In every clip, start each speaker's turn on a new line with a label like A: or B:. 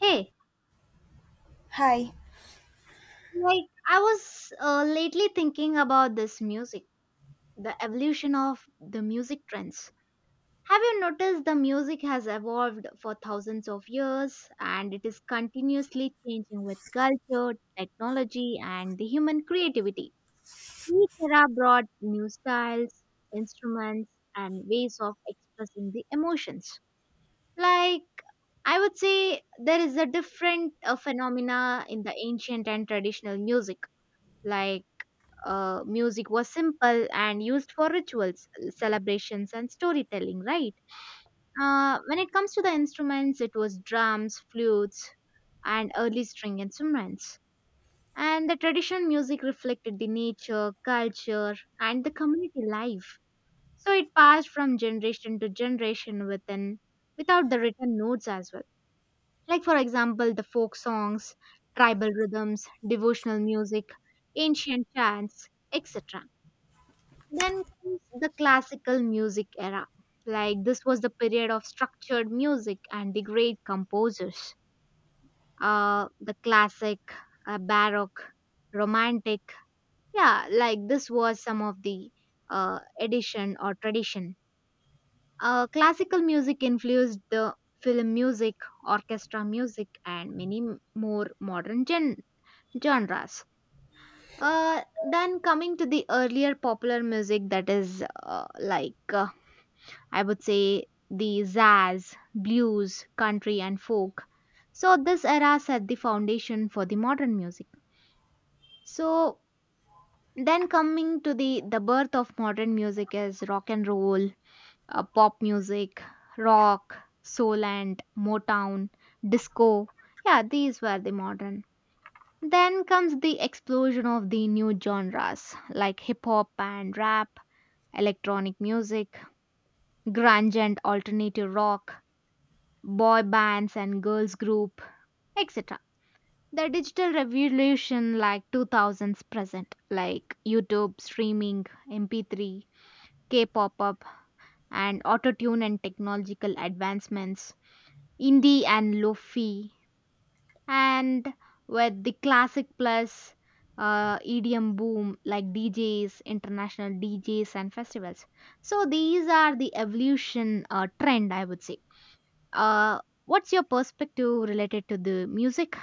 A: Hey,
B: Hi.
A: like I was lately thinking about this music, the evolution of the music trends. Have you noticed the music has evolved for thousands of years and it is continuously changing with culture, technology, and the human creativity? Each era brought new styles, instruments, and ways of expressing the emotions. Like I would say there is a different phenomena in the ancient and traditional music like music was simple and used for rituals, celebrations, and storytelling, right? When it comes to the instruments, it was drums, flutes, and early string instruments. And the traditional music reflected the nature, culture, and the community life. So it passed from generation to generation within, without the written notes as well. Like, for example, the folk songs, tribal rhythms, devotional music, ancient chants, etc. Then comes the classical music era. Like this was the period of structured music and the great composers. The classic, baroque, romantic. Yeah, like this was some of the edition or tradition. Classical music influenced the film music, orchestra music, and many more modern genres. Then coming to the earlier popular music, that is I would say the jazz, blues, country, and folk. So, this era set the foundation for the modern music. So, then coming to the birth of modern music is rock and roll, pop music, rock, soul, and Motown, disco. Yeah, these were the modern. Then comes the explosion of the new genres like hip hop and rap, electronic music, grunge and alternative rock, boy bands and girls group, etc. The digital revolution, like 2000s present, like YouTube streaming, mp3, k-pop up, and autotune, and technological advancements, indie and lofi, and with the classic plus EDM boom, like DJs, international DJs, and festivals. So these are the evolution trend, I would say. Uh, what's your perspective related to the music?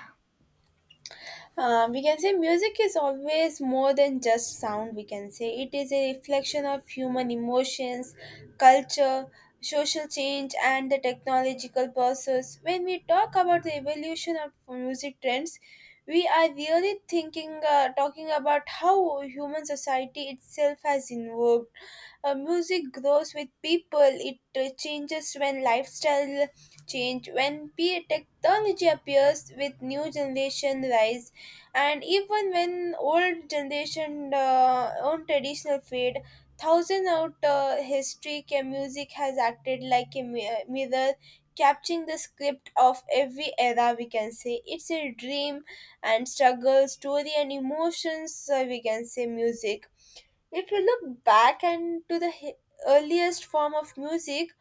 B: We can say music is always more than just sound, we can say. It is a reflection of human emotions, culture, social change, and the technological process. When we talk about the evolution of music trends, we are really talking about how human society itself has evolved. Music grows with people, it changes when lifestyle change, when technology appears, with new generation rise, and even when old generation own traditional fade thousand out history music has acted like a mirror, capturing the script of every era. We can say it's a dream and struggle story and emotions, we can say. Music, if you look back and to the earliest form of music,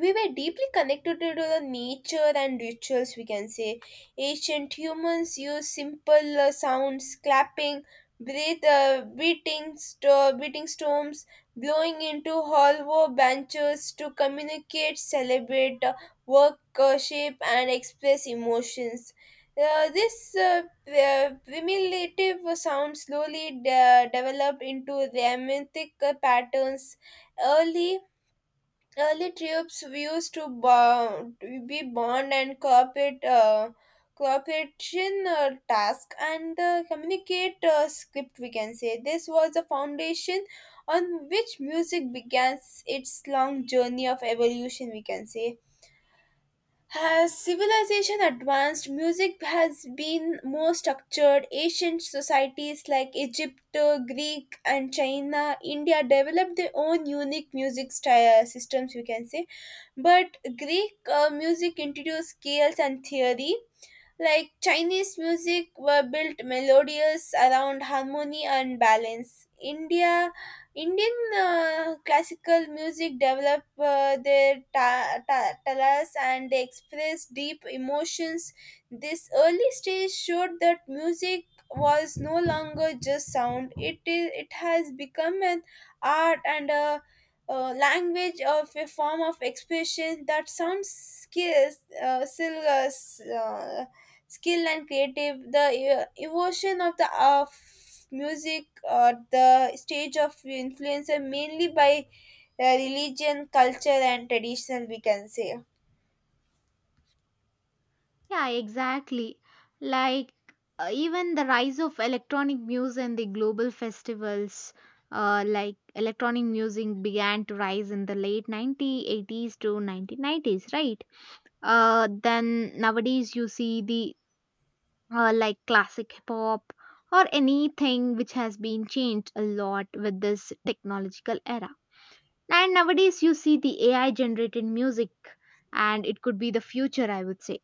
B: we were deeply connected to the nature and rituals, we can say. Ancient humans used simple sounds, clapping, breath, beating beating storms, blowing into hollow branches to communicate, celebrate, work, shape and express emotions. This Primitive sound slowly developed into rhythmic patterns. early Early trips used to bond, be bond and cooperate, cooperation task, and communicate script. We can say this was the foundation on which music began its long journey of evolution, we can say. As civilization advanced, music has been more structured. Ancient societies like Egypt, Greek, and China, India developed their own unique music style systems, you can say, but Greek music introduced scales and theory, like Chinese music were built melodious around harmony and balance. Indian classical music developed their talas and they expressed deep emotions. This early stage showed that music was no longer just sound. It is. It has become an art and a language of a form of expression that sounds scarce, uh, still uh, s- uh, skill and creative the evolution of the of music or the stage of influencer mainly by religion, culture, and traditional, we can say.
A: Yeah, exactly. Like even the rise of electronic music and the global festivals, like electronic music began to rise in the late 1980s to 1990s, right? Then nowadays you see the like classic hip hop or anything which has been changed a lot with this technological era. And nowadays, you see the AI generated music, and it could be the future, I would say.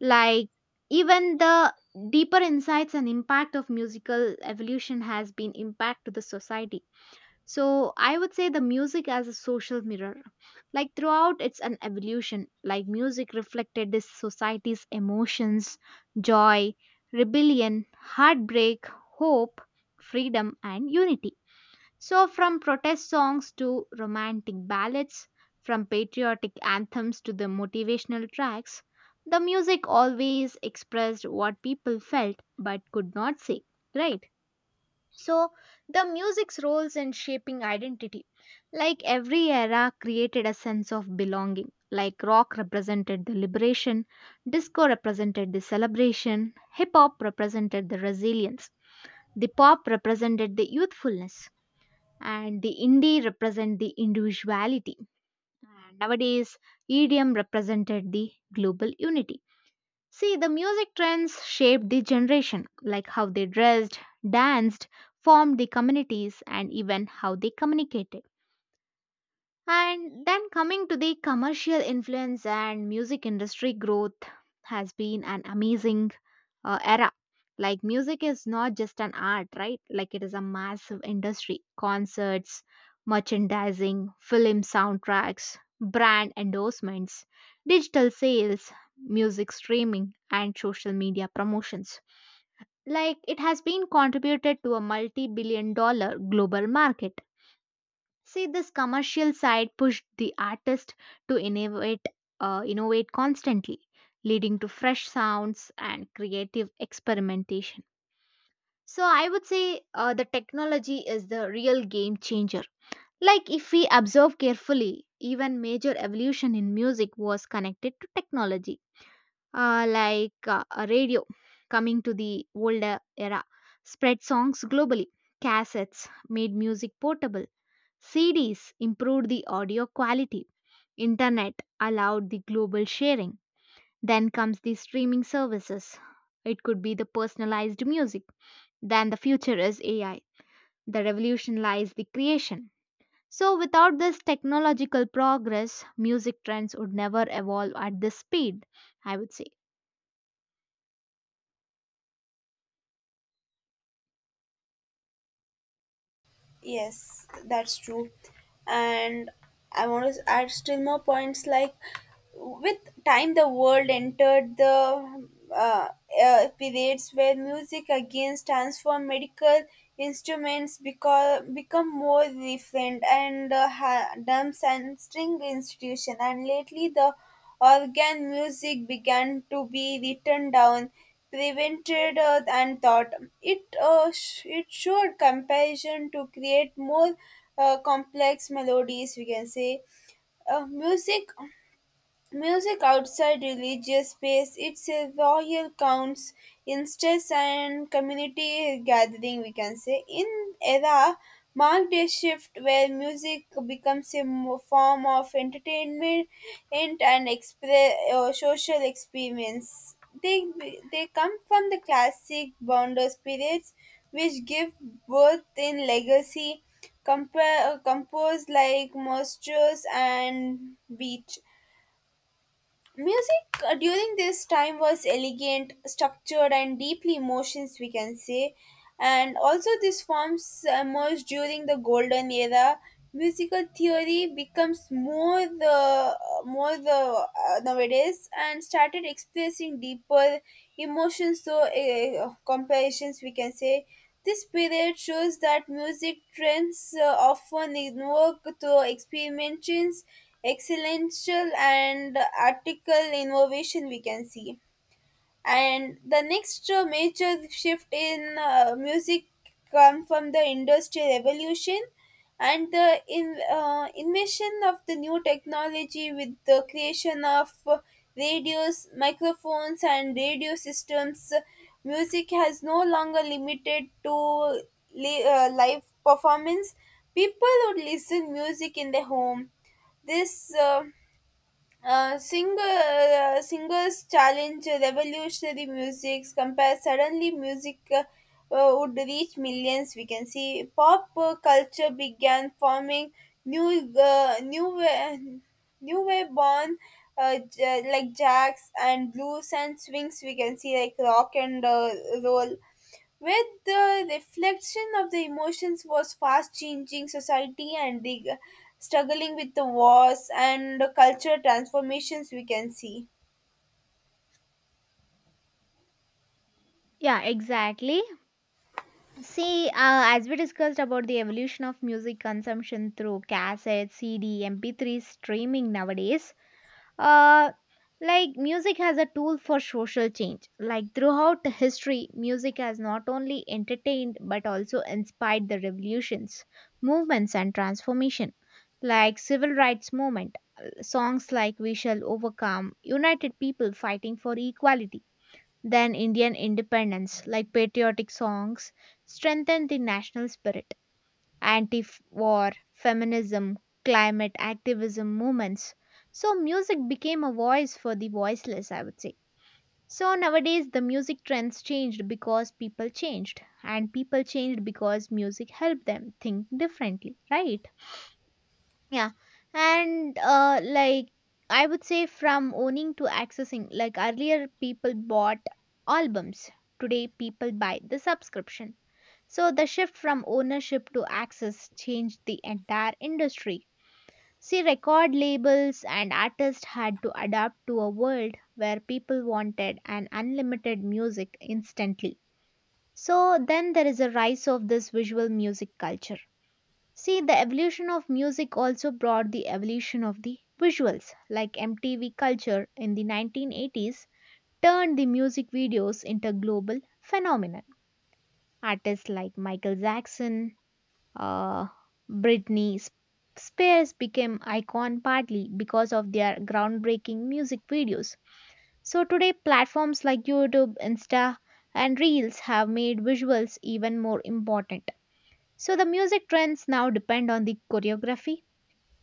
A: Like, even the deeper insights and impact of musical evolution has been impact to the society. So, I would say the music as a social mirror. Like, throughout, it's an evolution. Like, music reflected this society's emotions, joy, rebellion, heartbreak, hope, freedom, and unity. So, from protest songs to romantic ballads, from patriotic anthems to the motivational tracks, the music always expressed what people felt but could not say, right? So, the music's roles in shaping identity. Like every era created a sense of belonging. Like rock represented the liberation, disco represented the celebration, hip hop represented the resilience, the pop represented the youthfulness and the indie represent the individuality. And nowadays, EDM represented the global unity. See, the music trends shaped the generation, like how they dressed, danced, formed the communities, and even how they communicated. And then coming to the commercial influence and music industry growth has been an amazing era. Like music is not just an art, right? Like it is a massive industry. Concerts, merchandising, film soundtracks, brand endorsements, digital sales, music streaming, and social media promotions. Like it has been contributed to a multi billion dollar global market. See, this commercial side pushed the artist to innovate, innovate constantly, leading to fresh sounds and creative experimentation. So, I would say the technology is the real game changer. Like, if we observe carefully, even major evolution in music was connected to technology, a radio coming to the older era, spread songs globally. Cassettes made music portable. CDs improved the audio quality. Internet allowed the global sharing. Then comes the streaming services. It could be the personalized music. Then the future is AI. The revolution lies the creation. So without this technological progress, music trends would never evolve at this speed, I would say.
B: Yes, that's true. And I want to add still more points, like with time the world entered the uh, periods where music again stands for medical instruments because become more refined and ha- dumb and string institution, and lately the organ music began to be written down, prevented and thought. It showed comparison to create more complex melodies, we can say. Uh, music Music outside religious space itself, royal counts, instances, and community gathering, we can say. In era marked a shift where music becomes a form of entertainment and an social experience. They, they come from the classic bonder periods which give birth in legacy compare, composed like Mostros and Beach. Music during this time was elegant, structured, and deeply emotions, we can say, and also these forms emerged during the golden era. Musical theory becomes more the nowadays and started expressing deeper emotions, so comparisons, we can say. This period shows that music trends often invoke through experimentations, excellential and article innovation, we can see. And the next major shift in music come from the industrial revolution and the invention of the new technology with the creation of radios, microphones, and radio systems. Music has no longer limited to live performance. People would listen music in their home. this uh, uh, singer, Singers challenge revolutionary musics compare, suddenly music would reach millions, we can see. Pop culture began forming new new wave born, like jacks and blues and swings, we can see, like rock and roll, where the reflection of the emotions was fast changing society and the struggling with the wars and the cultural transformations, we can see.
A: Yeah, exactly. See, as we discussed about the evolution of music consumption through cassette, CD, MP3, streaming nowadays, Uh, like music has a tool for social change. Like throughout history, music has not only entertained but also inspired the revolutions, movements, and transformation. Like civil rights movement, songs like "We Shall Overcome," united people fighting for equality. Then Indian independence, like patriotic songs, strengthened the national spirit, anti war, feminism, climate activism movements. So, music became a voice for the voiceless, I would say. So, nowadays the music trends changed because people changed, and people changed because music helped them think differently, right? Yeah. And, I would say from owning to accessing, like, earlier people bought albums, today people buy the subscription, so the shift from ownership to access changed the entire industry. See, record labels and artists had to adapt to a world where people wanted an unlimited music instantly. So then there is a rise of this visual music culture. See, the evolution of music also brought the evolution of the visuals, like MTV culture in the 1980s turned the music videos into a global phenomenon. Artists like Michael Jackson, uh, Britney Spears became icon partly because of their groundbreaking music videos. So today platforms like YouTube, Insta and Reels have made visuals even more important. So the music trends now depend on the choreography,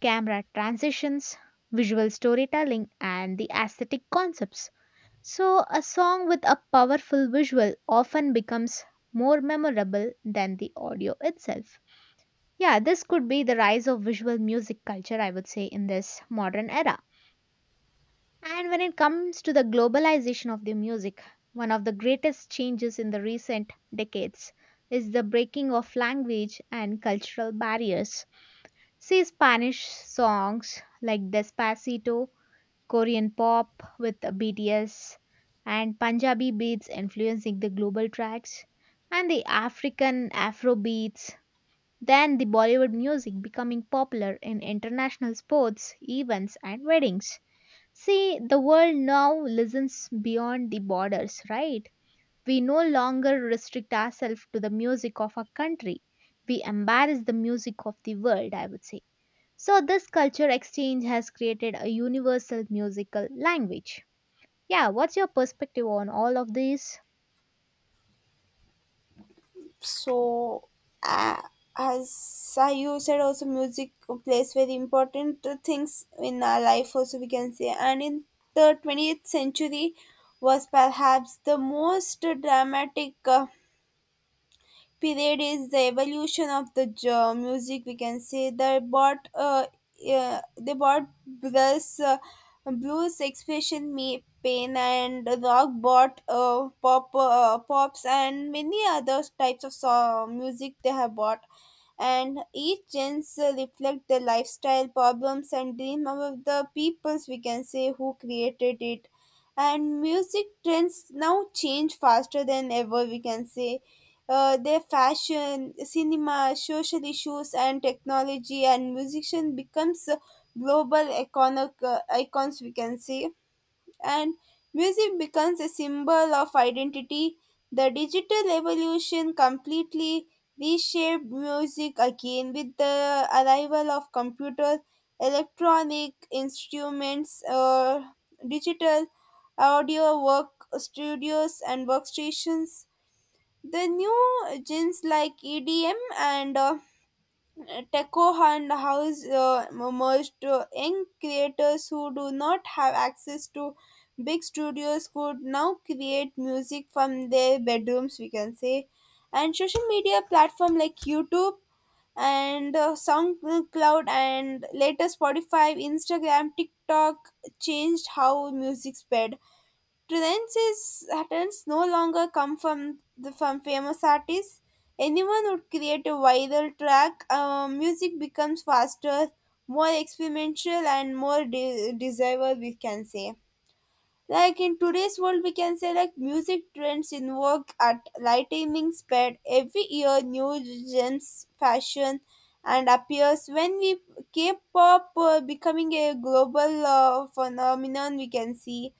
A: camera transitions, visual storytelling and the aesthetic concepts. So a song with a powerful visual often becomes more memorable than the audio itself. Yeah, this could be the rise of visual music culture, I would say, in this modern era. And when it comes to the globalization of the music, one of the greatest changes in the recent decades is the breaking of language and cultural barriers. See, Spanish songs like Despacito, Korean pop with BTS, and Punjabi beats influencing the global tracks, and the African Afro beats, then the Bollywood music becoming popular in international sports, events, and weddings. See, the world now listens beyond the borders, right? We no longer restrict ourselves to the music of our country. We embrace the music of the world, I would say. So, this culture exchange has created a universal musical language. Yeah, what's your perspective on all of this?
B: So uh, as I- you said, also music plays very important things in our life also, we can say. And in the 20th century was perhaps the most dramatic period is the evolution of the music, we can say. They bought blues expression me pain, and rock bought pops and many other types of song, music they have bought. And each gens reflect the lifestyle, problems, and dream of the peoples, we can say, who created it. And music trends now change faster than ever, we can say. Their fashion, cinema, social issues, and technology, and musician becomes a global iconic, icons, we can say, and music becomes a symbol of identity. The digital evolution completely reshaped music again with the arrival of computer, electronic instruments, digital audio work studios and workstations. The new genres like EDM and techno and house merged. Young creators who do not have access to big studios could now create music from their bedrooms, we can say. And social media platform like YouTube and SoundCloud, and later Spotify, Instagram, TikTok changed how music spread. Trenches trends no longer come from the from famous artists. Anyone would create a viral track. Music becomes faster, more experimental, and more desirable, we can say. Like in today's world, we can say, like music trends invoke at lightning speed every year. New gems, fashion, and appears when we K-pop becoming a global phenomenon, we can see.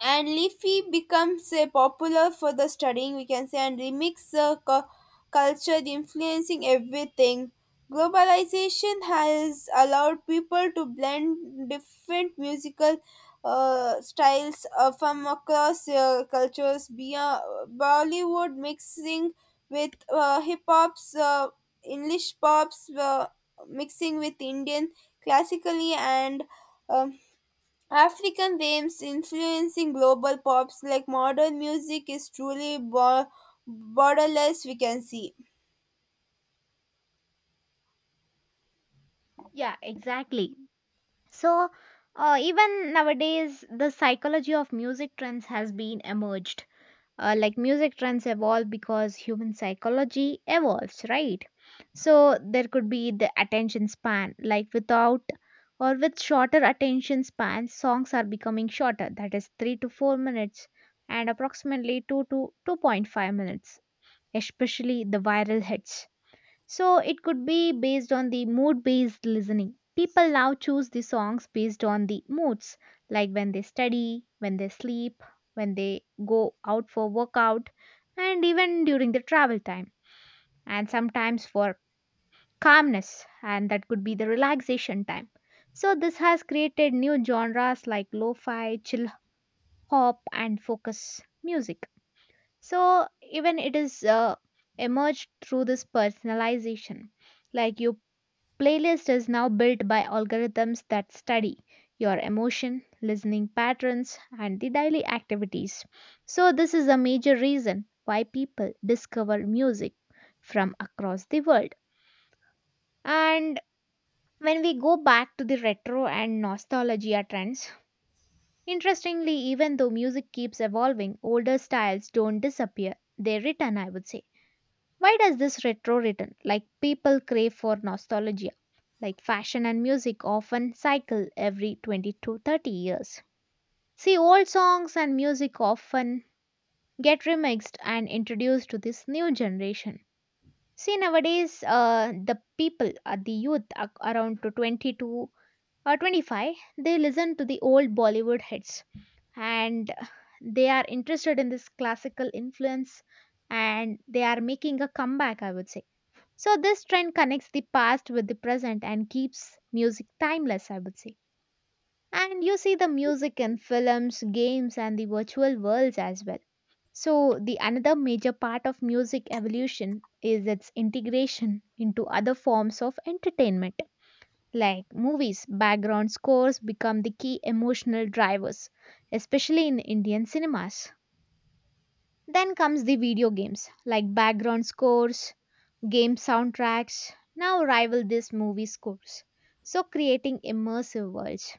B: And leafy becomes a popular for the studying, we can say, and remix culture influencing everything. Globalization has allowed people to blend different musical styles from across cultures beyond Bollywood mixing with hip hops, English pops mixing with Indian classically, and um, African themes influencing global pops. Like modern music is truly borderless, we can see.
A: Yeah, exactly. So, even nowadays, the psychology of music trends has been emerged. Like music trends evolve because human psychology evolves, right? So, there could be the attention span. Like, without or with shorter attention spans, songs are becoming shorter, that is, 3 to 4 minutes and approximately 2 to 2.5 minutes, especially the viral hits. So it could be based on the mood based listening. People now choose the songs based on the moods, like when they study, when they sleep, when they go out for workout, and even during the travel time, and sometimes for calmness, and that could be the relaxation time. So this has created new genres like lo fi, chill hop, and focus music. So even it is emerged through this personalization, like you playlist is now built by algorithms that study your emotion, listening patterns, and the daily activities. So, this is a major reason why people discover music from across the world. And when we go back to the retro and nostalgia trends, interestingly, even though music keeps evolving, older styles don't disappear, they return, I would say. Why does this retro return? Like people crave for nostalgia. Like fashion and music often cycle every 20 to 30 years. See, old songs and music often get remixed and introduced to this new generation. See, nowadays, the youth around to 20 to 25, they listen to the old Bollywood hits and they are interested in this classical influence and they are making a comeback, I would say. So, this trend connects the past with the present and keeps music timeless, I would say. And you see the music in films, games, and the virtual worlds as well. So, the another major part of music evolution is its integration into other forms of entertainment. Like movies, background scores become the key emotional drivers, especially in Indian cinemas. Then comes the video games, like background scores, game soundtracks now rival these movie scores, so creating immersive worlds.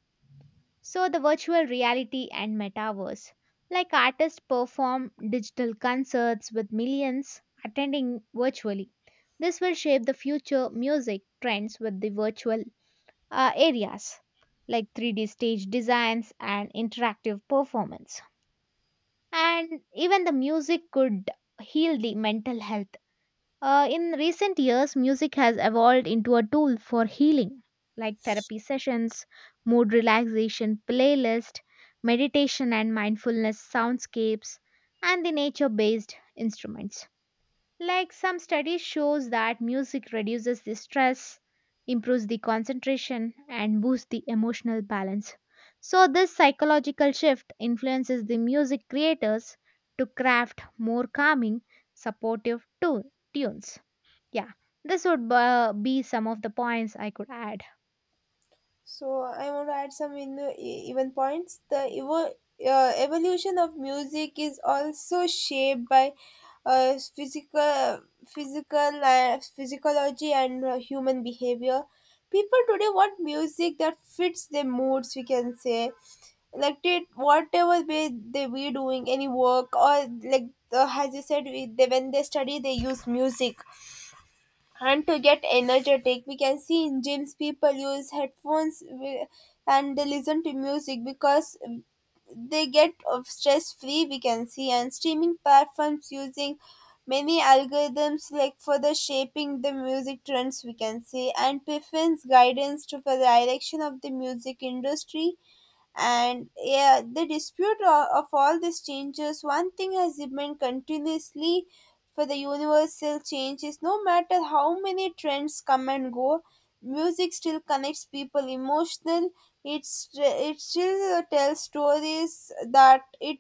A: So the virtual reality and metaverse, like artists perform digital concerts with millions attending virtually. This will shape the future music trends with the virtual areas like 3D stage designs and interactive performance. And even the music could heal the mental health. In recent years, music has evolved into a tool for healing, like therapy sessions, mood relaxation playlist, meditation and mindfulness soundscapes, and the nature-based instruments. Like some studies shows that music reduces the stress, improves the concentration, and boosts the emotional balance. So this psychological shift influences the music creators to craft more calming, supportive tu- tunes. Yeah, this would be some of the points I could add.
B: So I want to add some in, even points. The evolution of music is also shaped by uh, physical, physical, physiology and human behavior. People today want music that fits their moods, we can say. Like did whatever they were doing, any work, or like as you said when they study they use music, and to get energetic, we can see, in gyms people use headphones and they listen to music because they get of stress free, we can see. And streaming platforms using many algorithms like for the shaping the music trends, we can see, and preference guidance to for the direction of the music industry. And yeah, the dispute of all these changes, one thing has remained continuously for the universal change is no matter how many trends come and go, music still connects people emotional. It still tells stories that it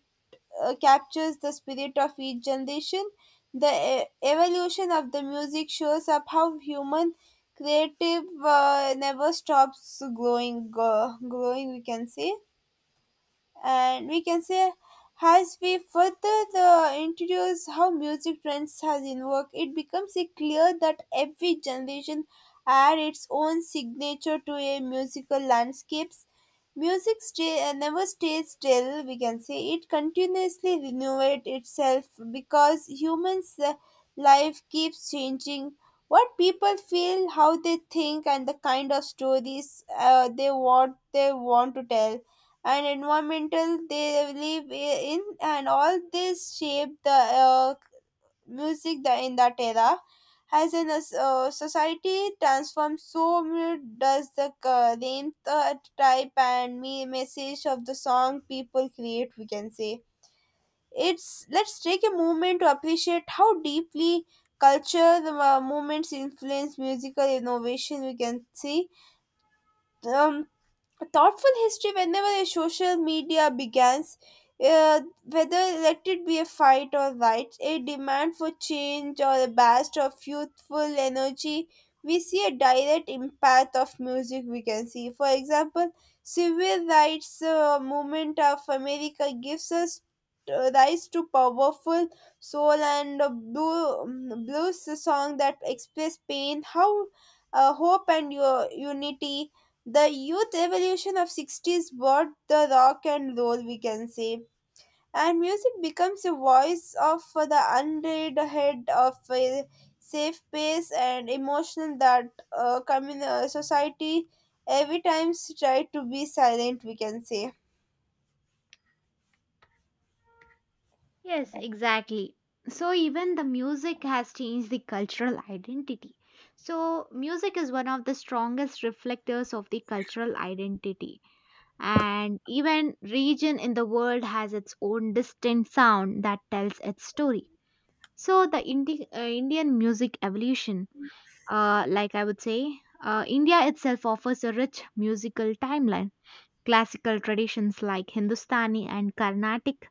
B: captures the spirit of each generation. The evolution of the music shows up how human creative never stops growing, growing, we can say. And we can say, as we further the introduce how music trends has in work, it becomes a clear that every generation add its own signature to a musical landscapes. Music never stays still, we can say. It continuously renovate itself because humans life keeps changing, what people feel, how they think, and the kind of stories they want to tell, and environmental they live in, and all this shape the uh, music the, in that era. As in a society transforms, so does the name type and me message of the song people create, we can say. It's Let's take a moment to appreciate how deeply culture the movements influence musical innovation, we can see. um, Thoughtful history, whenever a social media begins, whether let it be a fight or rights, a demand for change, or a burst of youthful energy, we see a direct impact of music, we can see. For example, civil rights movement of America gives us rise to powerful soul and blues song that express pain, how hope and your unity. The youth revolution of 60's brought the rock and roll, we can say, and music becomes a voice of the unread head of a safe pace and emotional that society every time try to be silent, we can say.
A: Yes, exactly. So even the music has changed the cultural identity. So music is one of the strongest reflectors of the cultural identity. And even region in the world has its own distinct sound that tells its story. So the Indian music evolution, like I would say, India itself offers a rich musical timeline. Classical traditions like Hindustani and Carnatic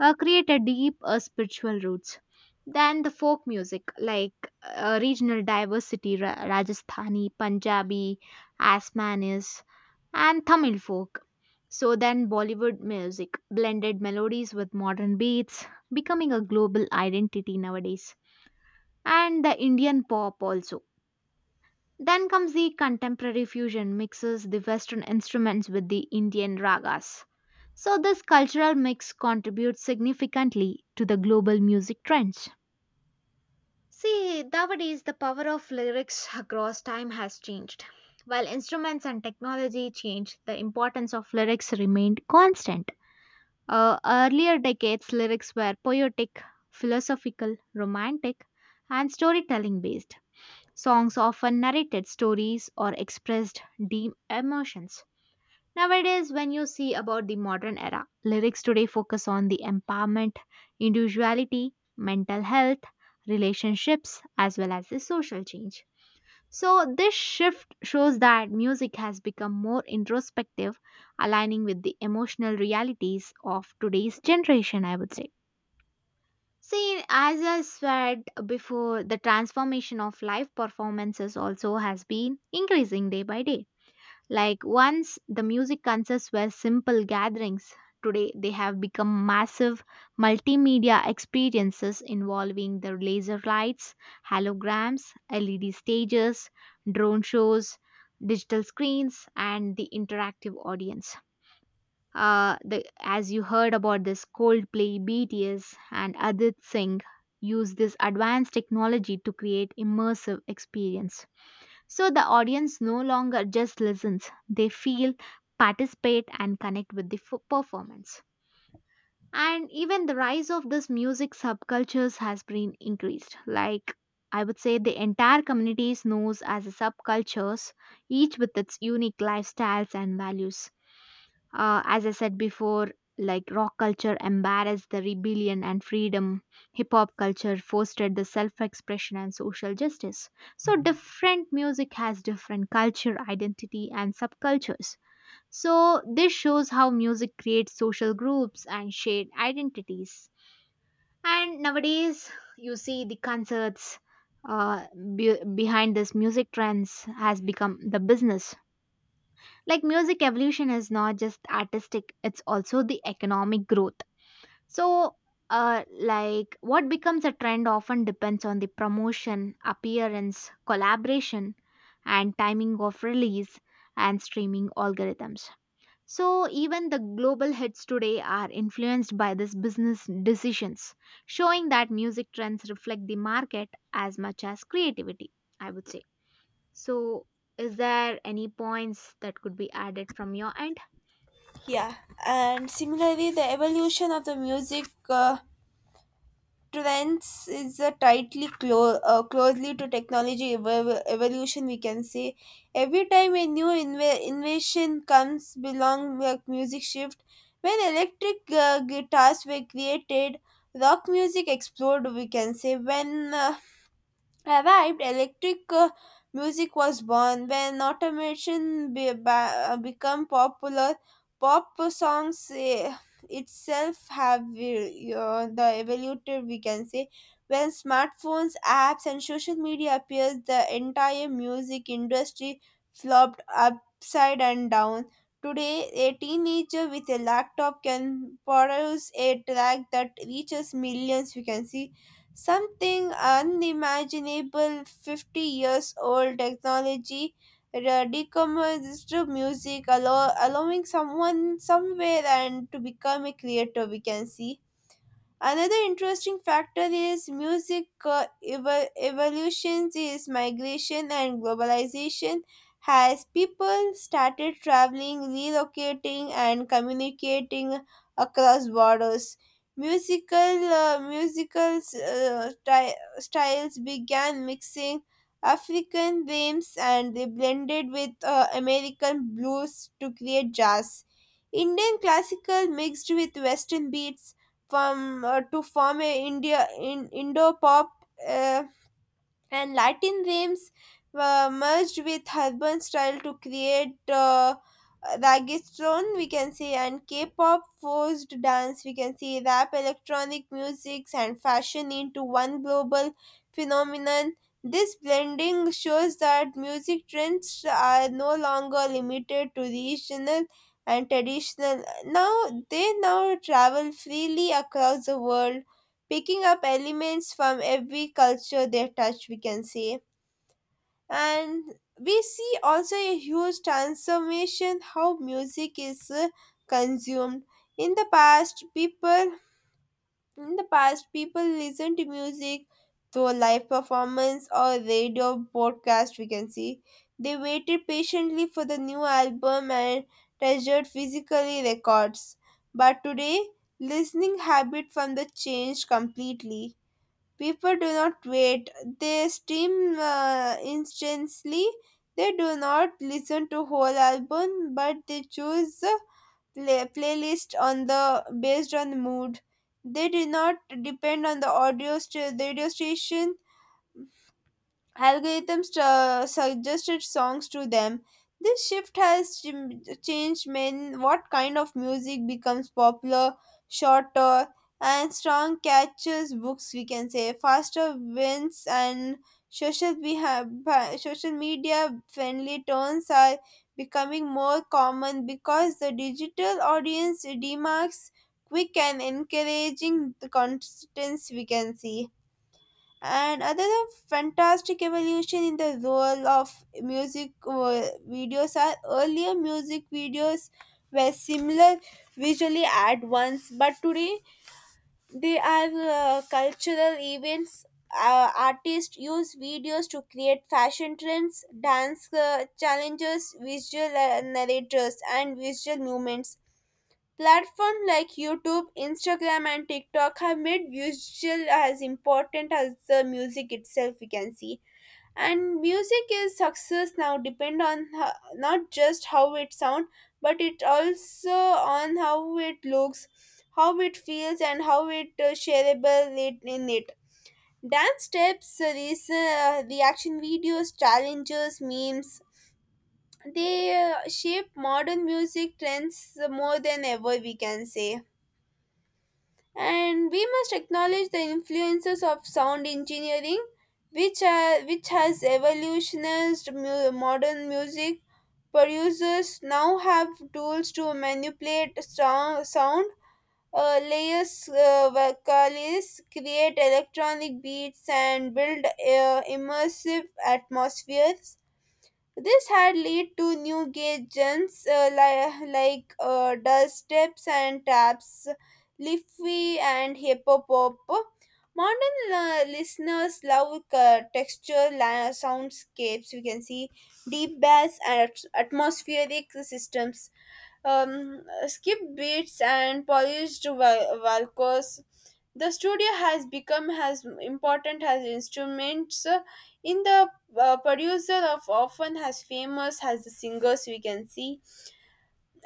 A: create a deep spiritual roots. Then the folk music like regional diversity, Rajasthani, Punjabi, Asmanis, and Tamil folk. So then Bollywood music blended melodies with modern beats, becoming a global identity nowadays. And the Indian pop also, then comes the contemporary fusion mixes the western instruments with the Indian ragas. So this cultural mix contributes significantly to the global music trends. See, nowadays the power of lyrics across time has changed. While instruments and technology changed, the importance of lyrics remained constant. Earlier decades, lyrics were poetic, philosophical, romantic, and storytelling based. Songs often narrated stories or expressed deep emotions. Nowadays, when you see about the modern era, lyrics today focus on the empowerment, individuality, mental health, relationships, as well as the social change. So, this shift shows that music has become more introspective, aligning with the emotional realities of today's generation, I would say. See, as I said before, the transformation of live performances also has been increasing day by day. Like once the music concerts were simple gatherings, today they have become massive multimedia experiences involving the laser lights, holograms, LED stages, drone shows, digital screens, and the interactive audience. As you heard about this Coldplay, BTS, and Adit Singh use this advanced technology to create immersive experience. So the audience no longer just listens; they feel, participate, and connect with the performance. And even the rise of this music subcultures has been increased. Like I would say, the entire communities knows as a subcultures, each with its unique lifestyles and values. As I said before, like rock culture embarrassed the rebellion and freedom, hip hop culture fostered the self expression and social justice. So, different music has different culture, identity, and subcultures. So, this shows how music creates social groups and shared identities. And nowadays, you see the concerts, uh, behind this music trends has become the business, like music evolution is not just artistic, it's also the economic growth. So, like what becomes a trend often depends on the promotion, appearance, collaboration, and timing of release and streaming algorithms. So, even the global hits today are influenced by these business decisions, showing that music trends reflect the market as much as creativity, I would say. So, is there any points that could be added from your end?
B: Yeah. And similarly, the evolution of the music trends is a tightly closely to technology evolution, we can say. Every time a new invention comes belong, like music shift, when electric guitars were created, rock music exploded, we can say. When arrived, electric music was born. When automation became popular, pop songs the evoluted, we can say. When smartphones, apps, and social media appeared, the entire music industry flopped upside and down. Today, a teenager with a laptop can produce a track that reaches millions, we can see. Something unimaginable, 50 years old technology decomposed music, allowing someone somewhere and to become a creator, we can see. Another interesting factor is music evolutions is migration and globalization has people started traveling, relocating and communicating across borders. Musicals styles began mixing African rhythms and they blended with American blues to create jazz. Indian classical mixed with western beats from to form a India in Indo-Pop, uh, and Latin rhythms were merged with urban style to create reggaeton, we can say, and K-pop forced dance, we can say, rap, electronic music, and fashion into one global phenomenon. This blending shows that music trends are no longer limited to regional and traditional. Now travel freely across the world, picking up elements from every culture they touch, we can say. And we see also a huge transformation how music is consumed. in the past people in the past, people listen to music through live performance or radio broadcast, we can see. They waited patiently for the new album and treasured physically records, but today listening habit from the change completely. People do not wait. They stream instantly. They do not listen to whole album, but they choose the playlist on the based on the mood. They do not depend on the radio station. Algorithms suggested songs to them. This shift has changed men what kind of music becomes popular, shorter, and strong catches books, we can say, faster wins and social media friendly tones are becoming more common because the digital audience demarks quick and encouraging the constants, we can see. And another fantastic evolution in the role of music videos are earlier music videos were similar visually at once, but today they are cultural events. Artists use videos to create fashion trends, dance challenges, visual narrators and visual movements. Platforms like YouTube, Instagram, and TikTok have made visual as important as the music itself, we can see. And music is success now depend on not just how it sounds, but it also on how it looks, how it feels, and how it shareable it in it. Dance steps, these, reaction videos, challenges, memes, they shape modern music trends more than ever, we can say. And we must acknowledge the influences of sound engineering which which has evolutionized modern music. Producers now have tools to manipulate strong sound layers, vocalists create electronic beats and build immersive atmospheres. This had led to new gadgets, like dust steps and taps, Liffy and Hippopop. Modern listeners love soundscapes. We can see deep bass and atmospheric systems, um, skip beats and polished valcos. The studio has become as important as instruments, in the producer of often as famous as the singers, we can see.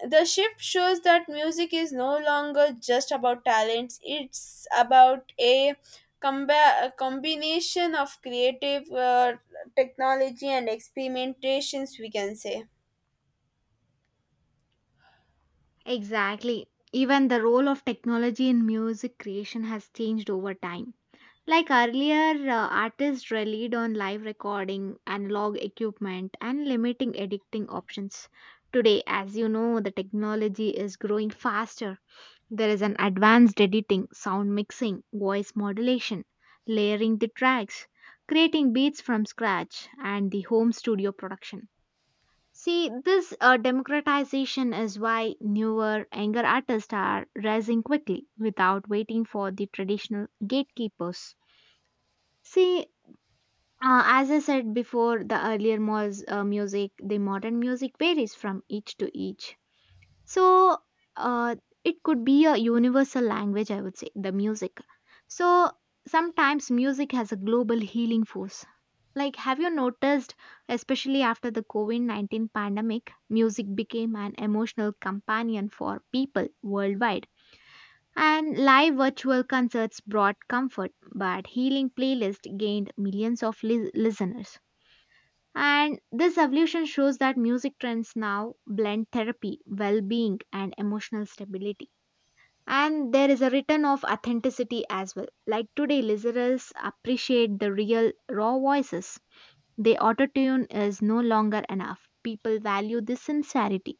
B: The shift shows that music is no longer just about talents, it's about a combination of creative technology and experimentations, we can say.
A: Exactly. Even the role of technology in music creation has changed over time. Like earlier, artists relied on live recording, analog equipment, and limiting editing options. Today, as you know, the technology is growing faster. There is an advanced editing, sound mixing, voice modulation, layering the tracks, creating beats from scratch, and the home studio production. See, this democratization is why newer, younger artists are rising quickly without waiting for the traditional gatekeepers. See, as I said before, the earlier was music, the modern music varies from each to each. So, uh, it could be a universal language, I would say, the music. So sometimes music has a global healing force. Like, have you noticed, especially after the COVID 19 pandemic, music became an emotional companion for people worldwide? And live virtual concerts brought comfort, but healing playlists gained millions of listeners. And this evolution shows that music trends now blend therapy, well being, and emotional stability. And there is a return of authenticity as well. Like today, listeners appreciate the real, raw voices. The autotune is no longer enough. People value the sincerity.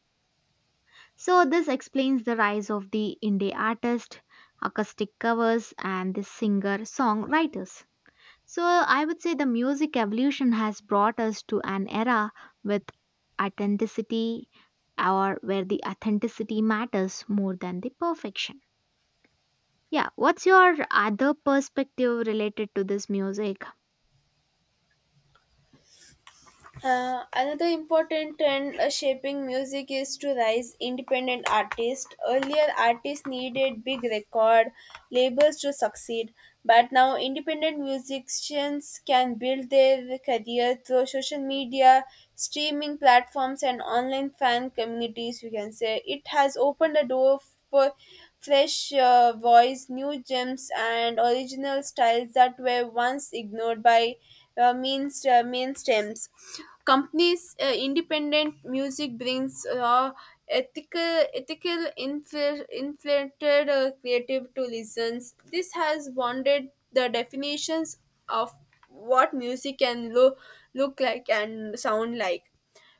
A: So, this explains the rise of the indie artist, acoustic covers, and the singer songwriters. So I would say the music evolution has brought us to an era with authenticity, or where the authenticity matters more than the perfection. Yeah, what's your other perspective related to this music?
B: Another important trend shaping music is to rise independent artists. Earlier, artists needed big record labels to succeed, but now independent musicians can build their career through social media, streaming platforms, and online fan communities. You can say it has opened a door for fresh voice, new gems, and original styles that were once ignored by means mainstreams. Companies independent music brings raw, ethical, inflated creative to listens. This has bonded the definitions of what music can look like and sound like.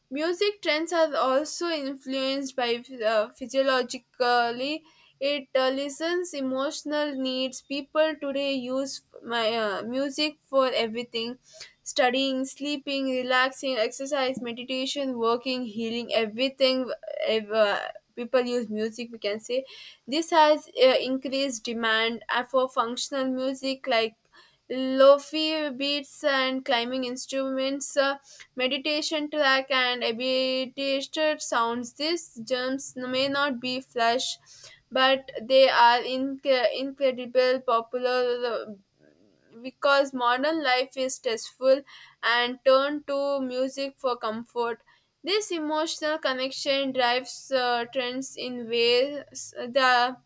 B: Music trends are also influenced by physiologically it listens emotional needs. People today use my music for everything: studying, sleeping, relaxing, exercise, meditation, working, healing, everything, uh, people use music, we can say. This has increased demand for functional music like Lofi beats and climbing instruments, meditation track, and abbreviated sounds. These germs may not be flash, but they are incredible, popular, because modern life is stressful and turn to music for comfort. This emotional connection drives trends in ways,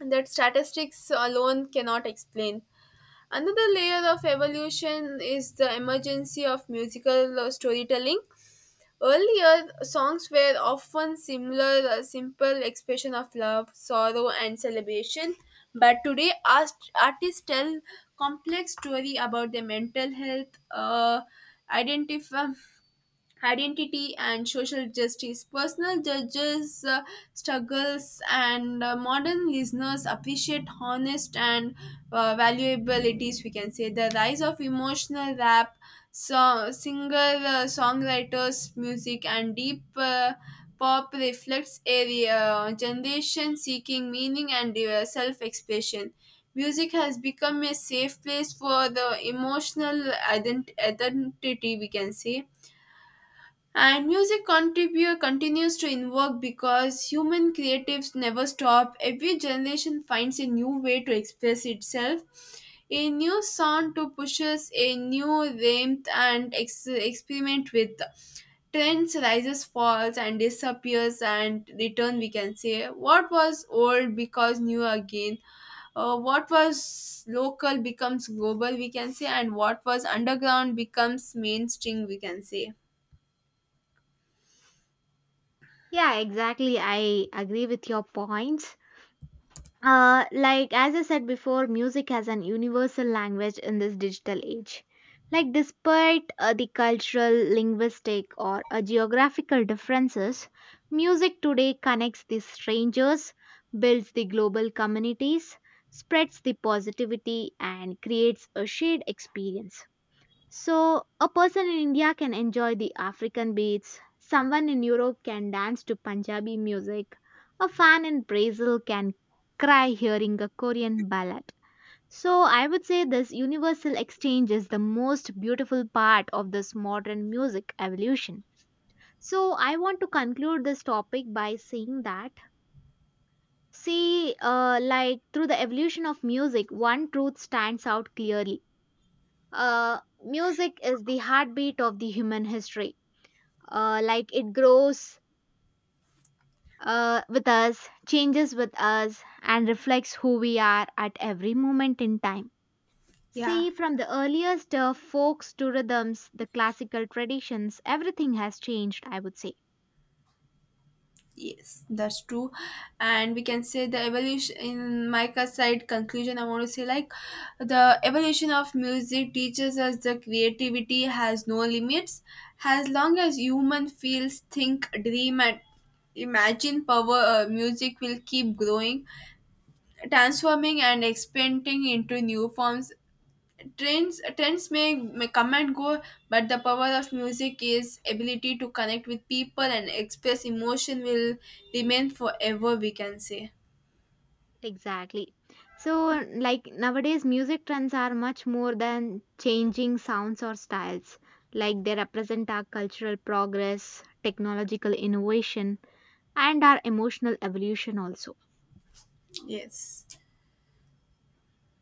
B: that statistics alone cannot explain. Another layer of evolution is the emergence of musical storytelling. Earlier, songs were often simple expression of love, sorrow, and celebration. But today, artists tell complex story about their mental health, identify identity and social justice. Personal judges' struggles and modern listeners appreciate honest and valuabilities. We can say the rise of emotional rap, singer, songwriters, music, and deep. Pop reflects a generation seeking meaning and self expression. Music has become a safe place for the emotional identity, we can say. And music continues to invoke because human creatives never stop. Every generation finds a new way to express itself, a new sound to push us, a new rhythm and experiment with. Trends rises, falls, and disappears and return. We can say what was old because new again. What was local becomes global, we can say, and what was underground becomes mainstream, we can say.
A: Yeah, exactly. I agree with your points. Like as I said before, music has an universal language in this digital age. Like despite the cultural, linguistic, or geographical differences, music today connects the strangers, builds the global communities, spreads the positivity, and creates a shared experience. So, a person in India can enjoy the African beats, someone in Europe can dance to Punjabi music, a fan in Brazil can cry hearing a Korean ballad. So, I would say this universal exchange is the most beautiful part of this modern music evolution. So, I want to conclude this topic by saying that, see, like through the evolution of music, one truth stands out clearly. Music is the heartbeat of the human history. Like it grows with us, changes with us, and reflects who we are at every moment in time.
B: Yeah.
A: See, from the earliest folks to rhythms, the classical traditions, everything has changed, I would say.
B: Yes, that's true. And we can say the evolution, in my side conclusion, I want to say like the evolution of music teaches us the creativity has no limits. As long as human feels, think, dream and imagine power, music will keep growing, transforming and expanding into new forms. Trends may come and go, but the power of music is ability to connect with people and express emotion will remain forever. We can say
A: Exactly. So, like nowadays, music trends are much more than changing sounds or styles. Like they represent our cultural progress, technological innovation, and our emotional evolution also.
B: yes.